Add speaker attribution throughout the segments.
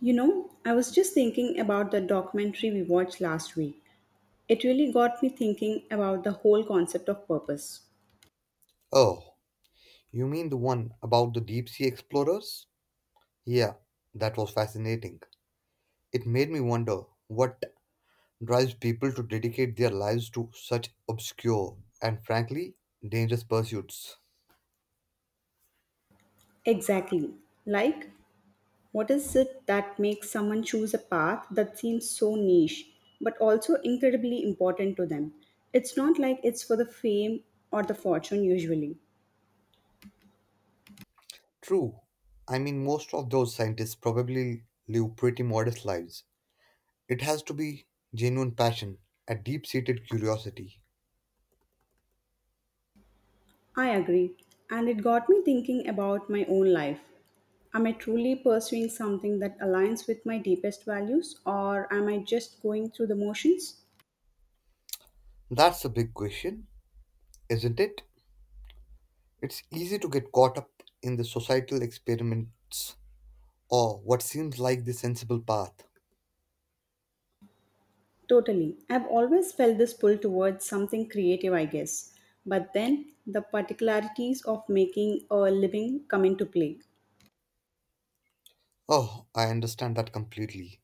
Speaker 1: You know, I was just thinking about the documentary we watched last week. It really got me thinking about the whole concept of purpose.
Speaker 2: Oh, you mean the one about the deep sea explorers? Yeah, that was fascinating. It made me wonder what drives people to dedicate their lives to such obscure and frankly dangerous pursuits.
Speaker 1: Exactly. Like, what is it that makes someone choose a path that seems so niche, but also incredibly important to them? It's not like it's for the fame or the fortune usually.
Speaker 2: True, I mean, most of those scientists probably live pretty modest lives. It has to be genuine passion, a deep seated curiosity.
Speaker 1: I agree, and it got me thinking about my own life. Am I truly pursuing something that aligns with my deepest values, or am I just going through the motions?
Speaker 2: That's a big question, isn't it? It's easy to get caught up in the societal experiments or what seems like the sensible path.
Speaker 1: Totally. I've always felt this pull towards something creative, I guess. But then the particularities of making a living come into play.
Speaker 2: Oh, I understand that completely.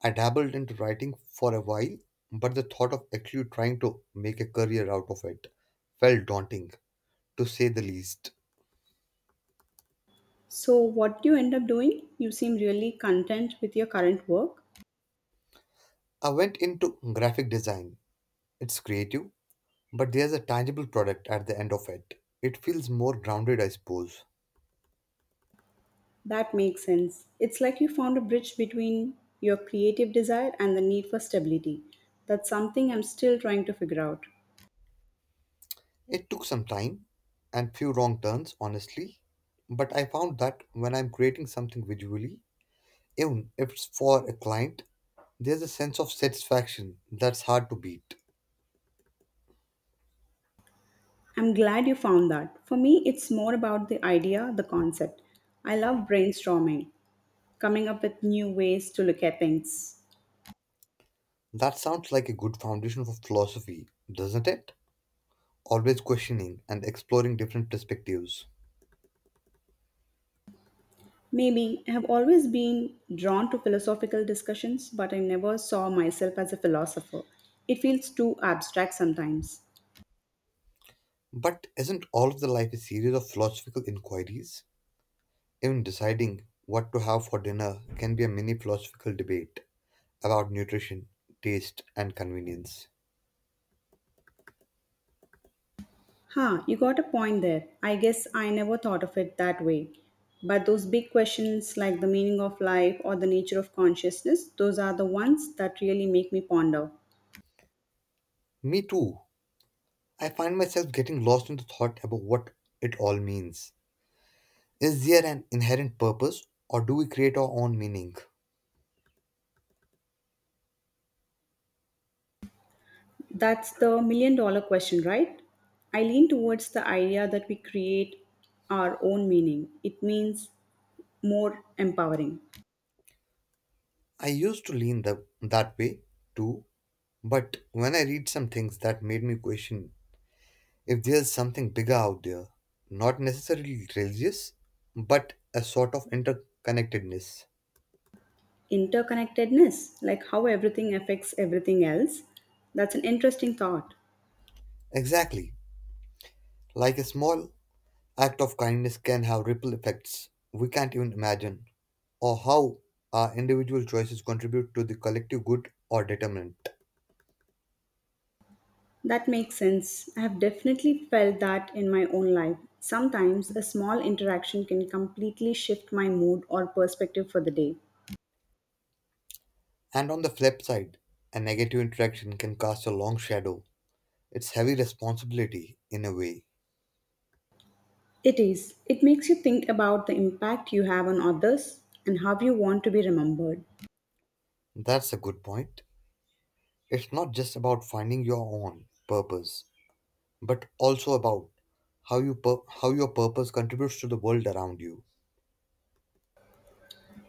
Speaker 2: I dabbled into writing for a while, but the thought of actually trying to make a career out of it felt daunting, to say the least.
Speaker 1: So, what do you end up doing? You seem really content with your current work.
Speaker 2: I went into graphic design. It's creative, but there's a tangible product at the end of it. It feels more grounded, I suppose.
Speaker 1: That makes sense. It's like you found a bridge between your creative desire and the need for stability. That's something I'm still trying to figure out.
Speaker 2: It took some time and few wrong turns, honestly, but I found that when I'm creating something visually, even if it's for a client, there's a sense of satisfaction that's hard to beat.
Speaker 1: I'm glad you found that. For me, it's more about the idea, the concept. I love brainstorming, coming up with new ways to look at things.
Speaker 2: That sounds like a good foundation for philosophy, doesn't it? Always questioning and exploring different perspectives.
Speaker 1: Maybe I have always been drawn to philosophical discussions, but I never saw myself as a philosopher. It feels too abstract sometimes.
Speaker 2: But isn't all of the life a series of philosophical inquiries? Even deciding what to have for dinner can be a mini philosophical debate about nutrition, taste, and convenience.
Speaker 1: Huh, you got a point there. I guess I never thought of it that way. But those big questions like the meaning of life or the nature of consciousness, those are the ones that really make me ponder.
Speaker 2: Me too. I find myself getting lost in the thought about what it all means. Is there an inherent purpose, or do we create our own meaning?
Speaker 1: That's the million-dollar question, right? I lean towards the idea that we create our own meaning. It means more empowering.
Speaker 2: I used to lean that way too, but when I read some things that made me question if there's something bigger out there, not necessarily religious, but a sort of interconnectedness.
Speaker 1: Interconnectedness, like how everything affects everything else, that's an interesting thought.
Speaker 2: Exactly, like a small act of kindness can have ripple effects we can't even imagine, or how our individual choices contribute to the collective good or determinant.
Speaker 1: That makes sense. I have definitely felt that in my own life. Sometimes a small interaction can completely shift my mood or perspective for the day.
Speaker 2: And on the flip side, a negative interaction can cast a long shadow. It's heavy responsibility in a way.
Speaker 1: It is. It makes you think about the impact you have on others and how you want to be remembered.
Speaker 2: That's a good point. It's not just about finding your own purpose, but also about how your purpose contributes to the world around you.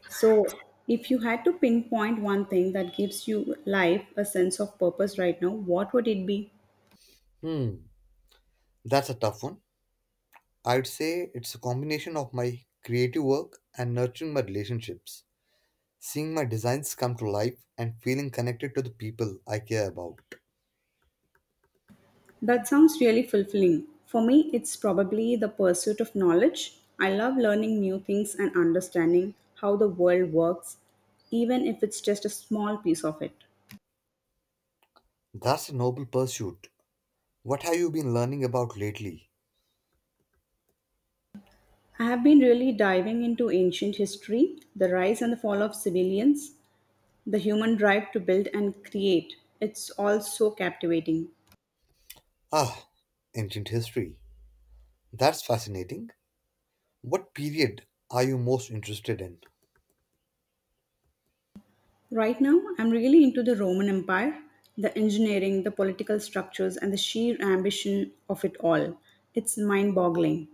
Speaker 1: So, if you had to pinpoint one thing that gives you life a sense of purpose right now, what would it be?
Speaker 2: Hmm, that's a tough one. I'd say it's a combination of my creative work and nurturing my relationships, seeing my designs come to life and feeling connected to the people I care about.
Speaker 1: That sounds really fulfilling. For me, it's probably the pursuit of knowledge. I love learning new things and understanding how the world works, even if it's just a small piece of it.
Speaker 2: That's a noble pursuit. What have you been learning about lately?
Speaker 1: I have been really diving into ancient history, the rise and the fall of civilians, the human drive to build and create. It's all so captivating.
Speaker 2: Ah, ancient history. That's fascinating. What period are you most interested in?
Speaker 1: Right now, I'm really into the Roman Empire, the engineering, the political structures, and the sheer ambition of it all. It's mind boggling.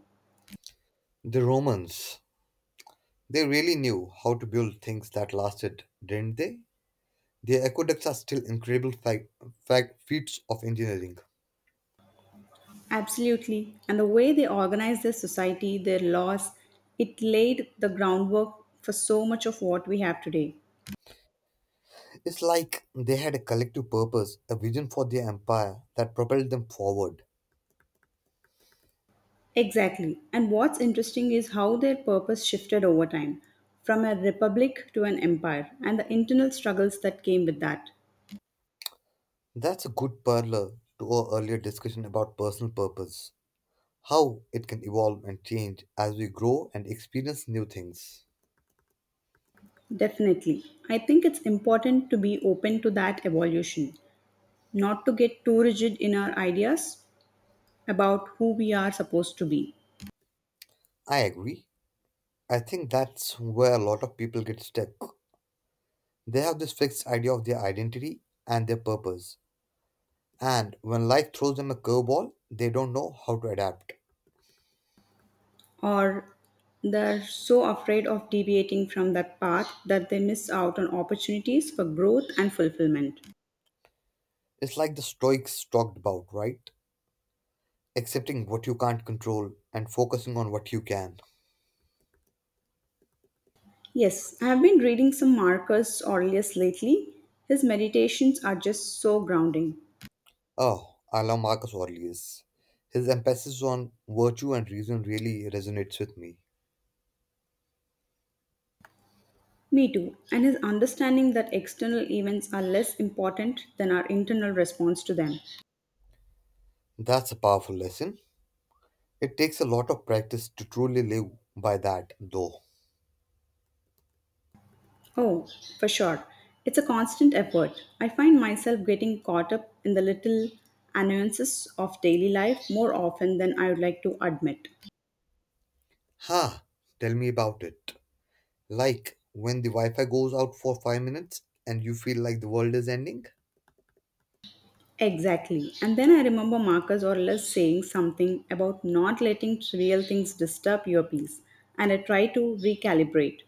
Speaker 2: The Romans. They really knew how to build things that lasted, didn't they? Their aqueducts are still incredible feats of engineering.
Speaker 1: Absolutely. And the way they organized their society, their laws, it laid the groundwork for so much of what we have today.
Speaker 2: It's like they had a collective purpose, a vision for their empire that propelled them forward.
Speaker 1: Exactly. And what's interesting is how their purpose shifted over time from a republic to an empire and the internal struggles that came with that.
Speaker 2: That's a good parallel to our earlier discussion about personal purpose, how it can evolve and change as we grow and experience new things.
Speaker 1: Definitely. I think it's important to be open to that evolution, not to get too rigid in our ideas about who we are supposed to be.
Speaker 2: I agree. I think that's where a lot of people get stuck. They have this fixed idea of their identity and their purpose. And when life throws them a curveball, they don't know how to adapt.
Speaker 1: Or they're so afraid of deviating from that path that they miss out on opportunities for growth and fulfillment.
Speaker 2: It's like the Stoics talked about, right? Accepting what you can't control and focusing on what you can.
Speaker 1: Yes, I have been reading some Marcus Aurelius lately. His meditations are just so grounding.
Speaker 2: Oh, I love Marcus Aurelius. His emphasis on virtue and reason really resonates with me.
Speaker 1: Me too. And his understanding that external events are less important than our internal response to them.
Speaker 2: That's a powerful lesson. It takes a lot of practice to truly live by that, though.
Speaker 1: Oh, for sure. It's a constant effort. I find myself getting caught up in the little annoyances of daily life more often than I would like to admit.
Speaker 2: Ha! Tell me about it. Like when the Wi Fi goes out for 5 minutes and you feel like the world is ending.
Speaker 1: Exactly. And then I remember Marcus Aurelius saying something about not letting trivial things disturb your peace. And I try to recalibrate.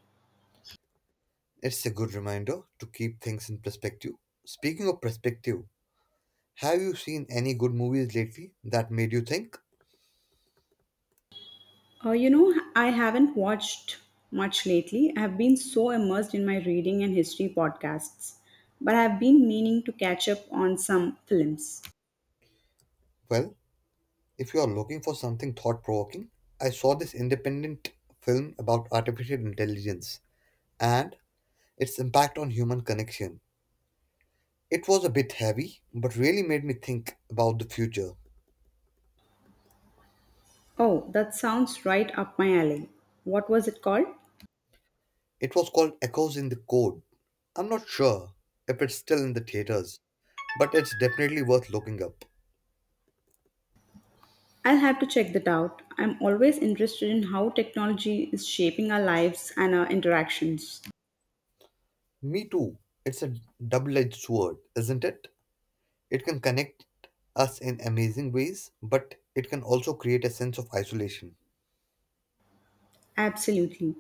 Speaker 2: It's a good reminder to keep things in perspective. Speaking of perspective, have you seen any good movies lately that made you think?
Speaker 1: You know, I haven't watched much lately. I have been so immersed in my reading and history podcasts. But I have been meaning to catch up on some films.
Speaker 2: Well, if you are looking for something thought provoking, I saw this independent film about artificial intelligence and its impact on human connection. It was a bit heavy, but really made me think about the future.
Speaker 1: Oh, that sounds right up my alley. What was it called?
Speaker 2: It was called Echoes in the Code. I'm not sure if it's still in the theaters, but it's definitely worth looking up.
Speaker 1: I'll have to check that out. I'm always interested in how technology is shaping our lives and our interactions.
Speaker 2: Me too. It's a double edged sword, isn't it? It can connect us in amazing ways, but it can also create a sense of isolation.
Speaker 1: Absolutely.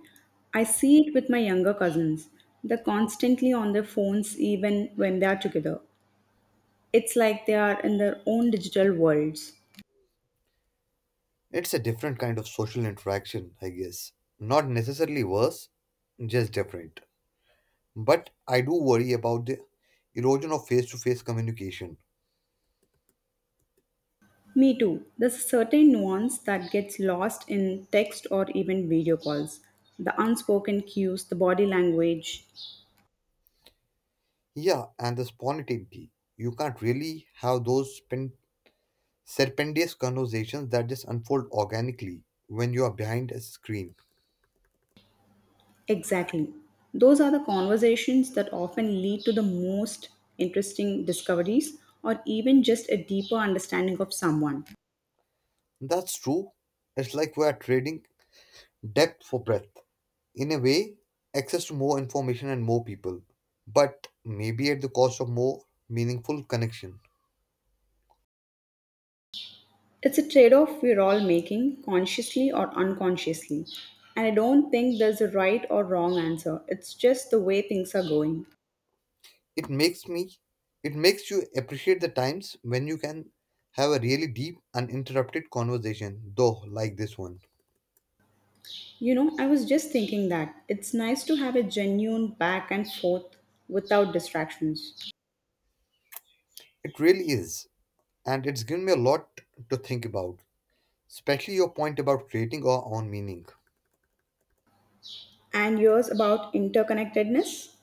Speaker 1: I see it with my younger cousins. They're constantly on their phones even when they are together. It's like they are in their own digital worlds.
Speaker 2: It's a different kind of social interaction, I guess. Not necessarily worse, just different. But I do worry about the erosion of face to face communication.
Speaker 1: Me too. There's a certain nuance that gets lost in text or even video calls. The unspoken cues, the body language.
Speaker 2: Yeah, and the spontaneity. You can't really have those serpendious conversations that just unfold organically when you are behind a screen.
Speaker 1: Exactly. Those are the conversations that often lead to the most interesting discoveries or even just a deeper understanding of someone.
Speaker 2: That's true. It's like we are trading depth for breadth. In a way, access to more information and more people, but maybe at the cost of more meaningful connection.
Speaker 1: It's a trade off we're all making, consciously or unconsciously. And I don't think there's a right or wrong answer. It's just the way things are going.
Speaker 2: It makes me, it makes you appreciate the times when you can have a really deep, uninterrupted conversation, though like this one.
Speaker 1: You know, I was just thinking that it's nice to have a genuine back and forth without distractions.
Speaker 2: It really is. And it's given me a lot to think about, especially your point about creating our own meaning.
Speaker 1: And yours about interconnectedness?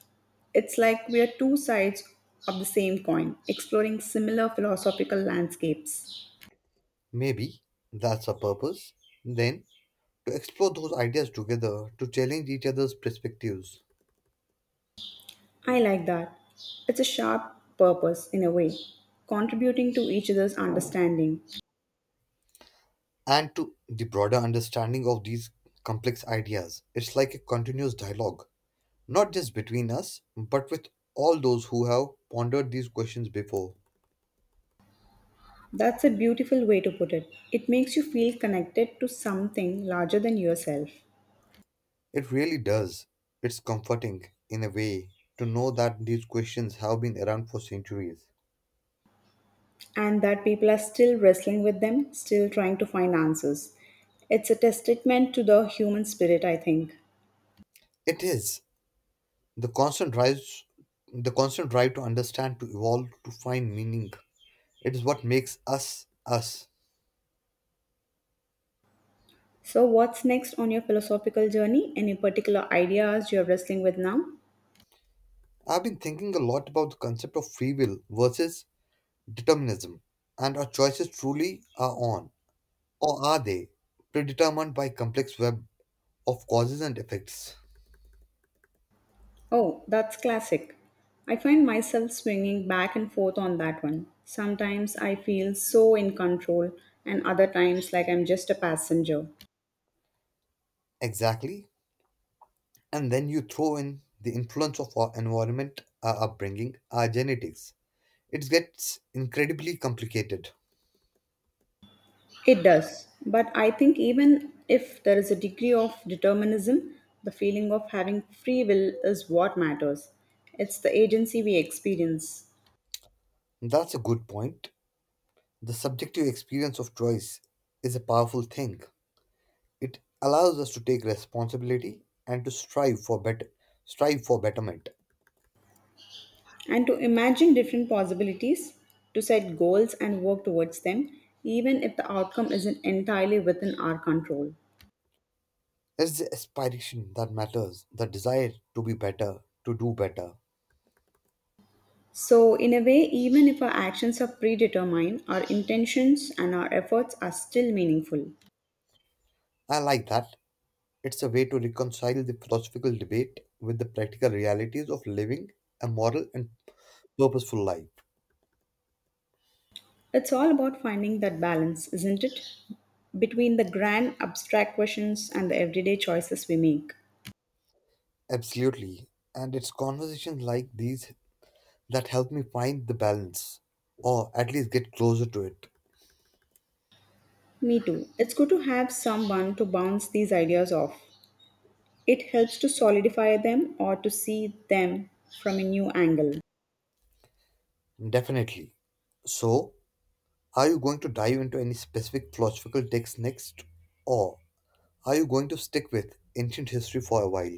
Speaker 1: It's like we are two sides of the same coin, exploring similar philosophical landscapes.
Speaker 2: Maybe that's our purpose, then, to explore those ideas together, to challenge each other's perspectives,
Speaker 1: I like that. It's a sharp purpose in a way, contributing to each other's understanding.
Speaker 2: and to the broader understanding of these complex ideas. It's like a continuous dialogue, not just between us, but with all those who have pondered these questions before.
Speaker 1: That's a beautiful way to put it. It makes you feel connected to something larger than yourself,
Speaker 2: It really does. It's comforting, in a way, to know that these questions have been around for centuries.
Speaker 1: and that people are still wrestling with them, still trying to find answers. It's a testament to the human spirit, I think.
Speaker 2: It is. The constant drives the constant drive to understand, to evolve, to find meaning. It is what makes us us.
Speaker 1: So, what's next on your philosophical journey? Any particular ideas you're wrestling with now?
Speaker 2: I've been thinking a lot about the concept of free will versus determinism, and our choices truly are on, or are they, predetermined by complex web of causes and effects?
Speaker 1: Oh, that's classic. I find myself swinging back and forth on that one. Sometimes I feel so in control, and other times like I'm just a passenger.
Speaker 2: Exactly. And then you throw in the influence of our environment, our upbringing, our genetics. It gets incredibly complicated.
Speaker 1: It does, but I think even if there is a degree of determinism, the feeling of having free will is what matters. It's the agency we experience.
Speaker 2: That's a good point. The subjective experience of choice is a powerful thing. It allows us to take responsibility and to strive for betterment.
Speaker 1: And to imagine different possibilities, to set goals and work towards them, even if the outcome isn't entirely within our control.
Speaker 2: It's the aspiration that matters, the desire to be better, to do better.
Speaker 1: So, in a way, even if our actions are predetermined, our intentions and our efforts are still meaningful.
Speaker 2: I like that. It's a way to reconcile the philosophical debate with the practical realities of living a moral and purposeful life.
Speaker 1: It's all about finding that balance, isn't it? Between the grand abstract questions and the everyday choices we make.
Speaker 2: Absolutely. And it's conversations like these that help me find the balance or at least get closer to it.
Speaker 1: Me too. It's good to have someone to bounce these ideas off. It helps to solidify them or to see them from a new angle.
Speaker 2: Definitely. So, are you going to dive into any specific philosophical text next, or are you going to stick with ancient history for a while?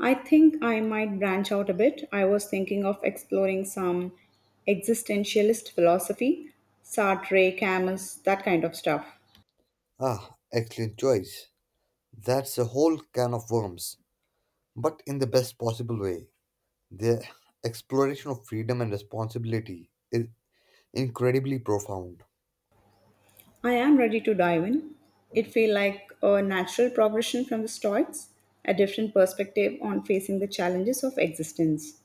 Speaker 1: I think I might branch out a bit. I was thinking of exploring some existentialist philosophy, Sartre, Camus, that kind of stuff.
Speaker 2: Ah, excellent choice. That's a whole can of worms, but in the best possible way. The exploration of freedom and responsibility is incredibly profound.
Speaker 1: I am ready to dive in. It feels like a natural progression from the Stoics, a different perspective on facing the challenges of existence.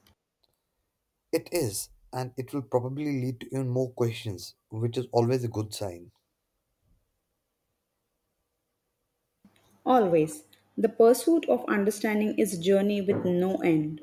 Speaker 2: It is, and it will probably lead to even more questions, which is always a good sign.
Speaker 1: Always, the pursuit of understanding is a journey with no end.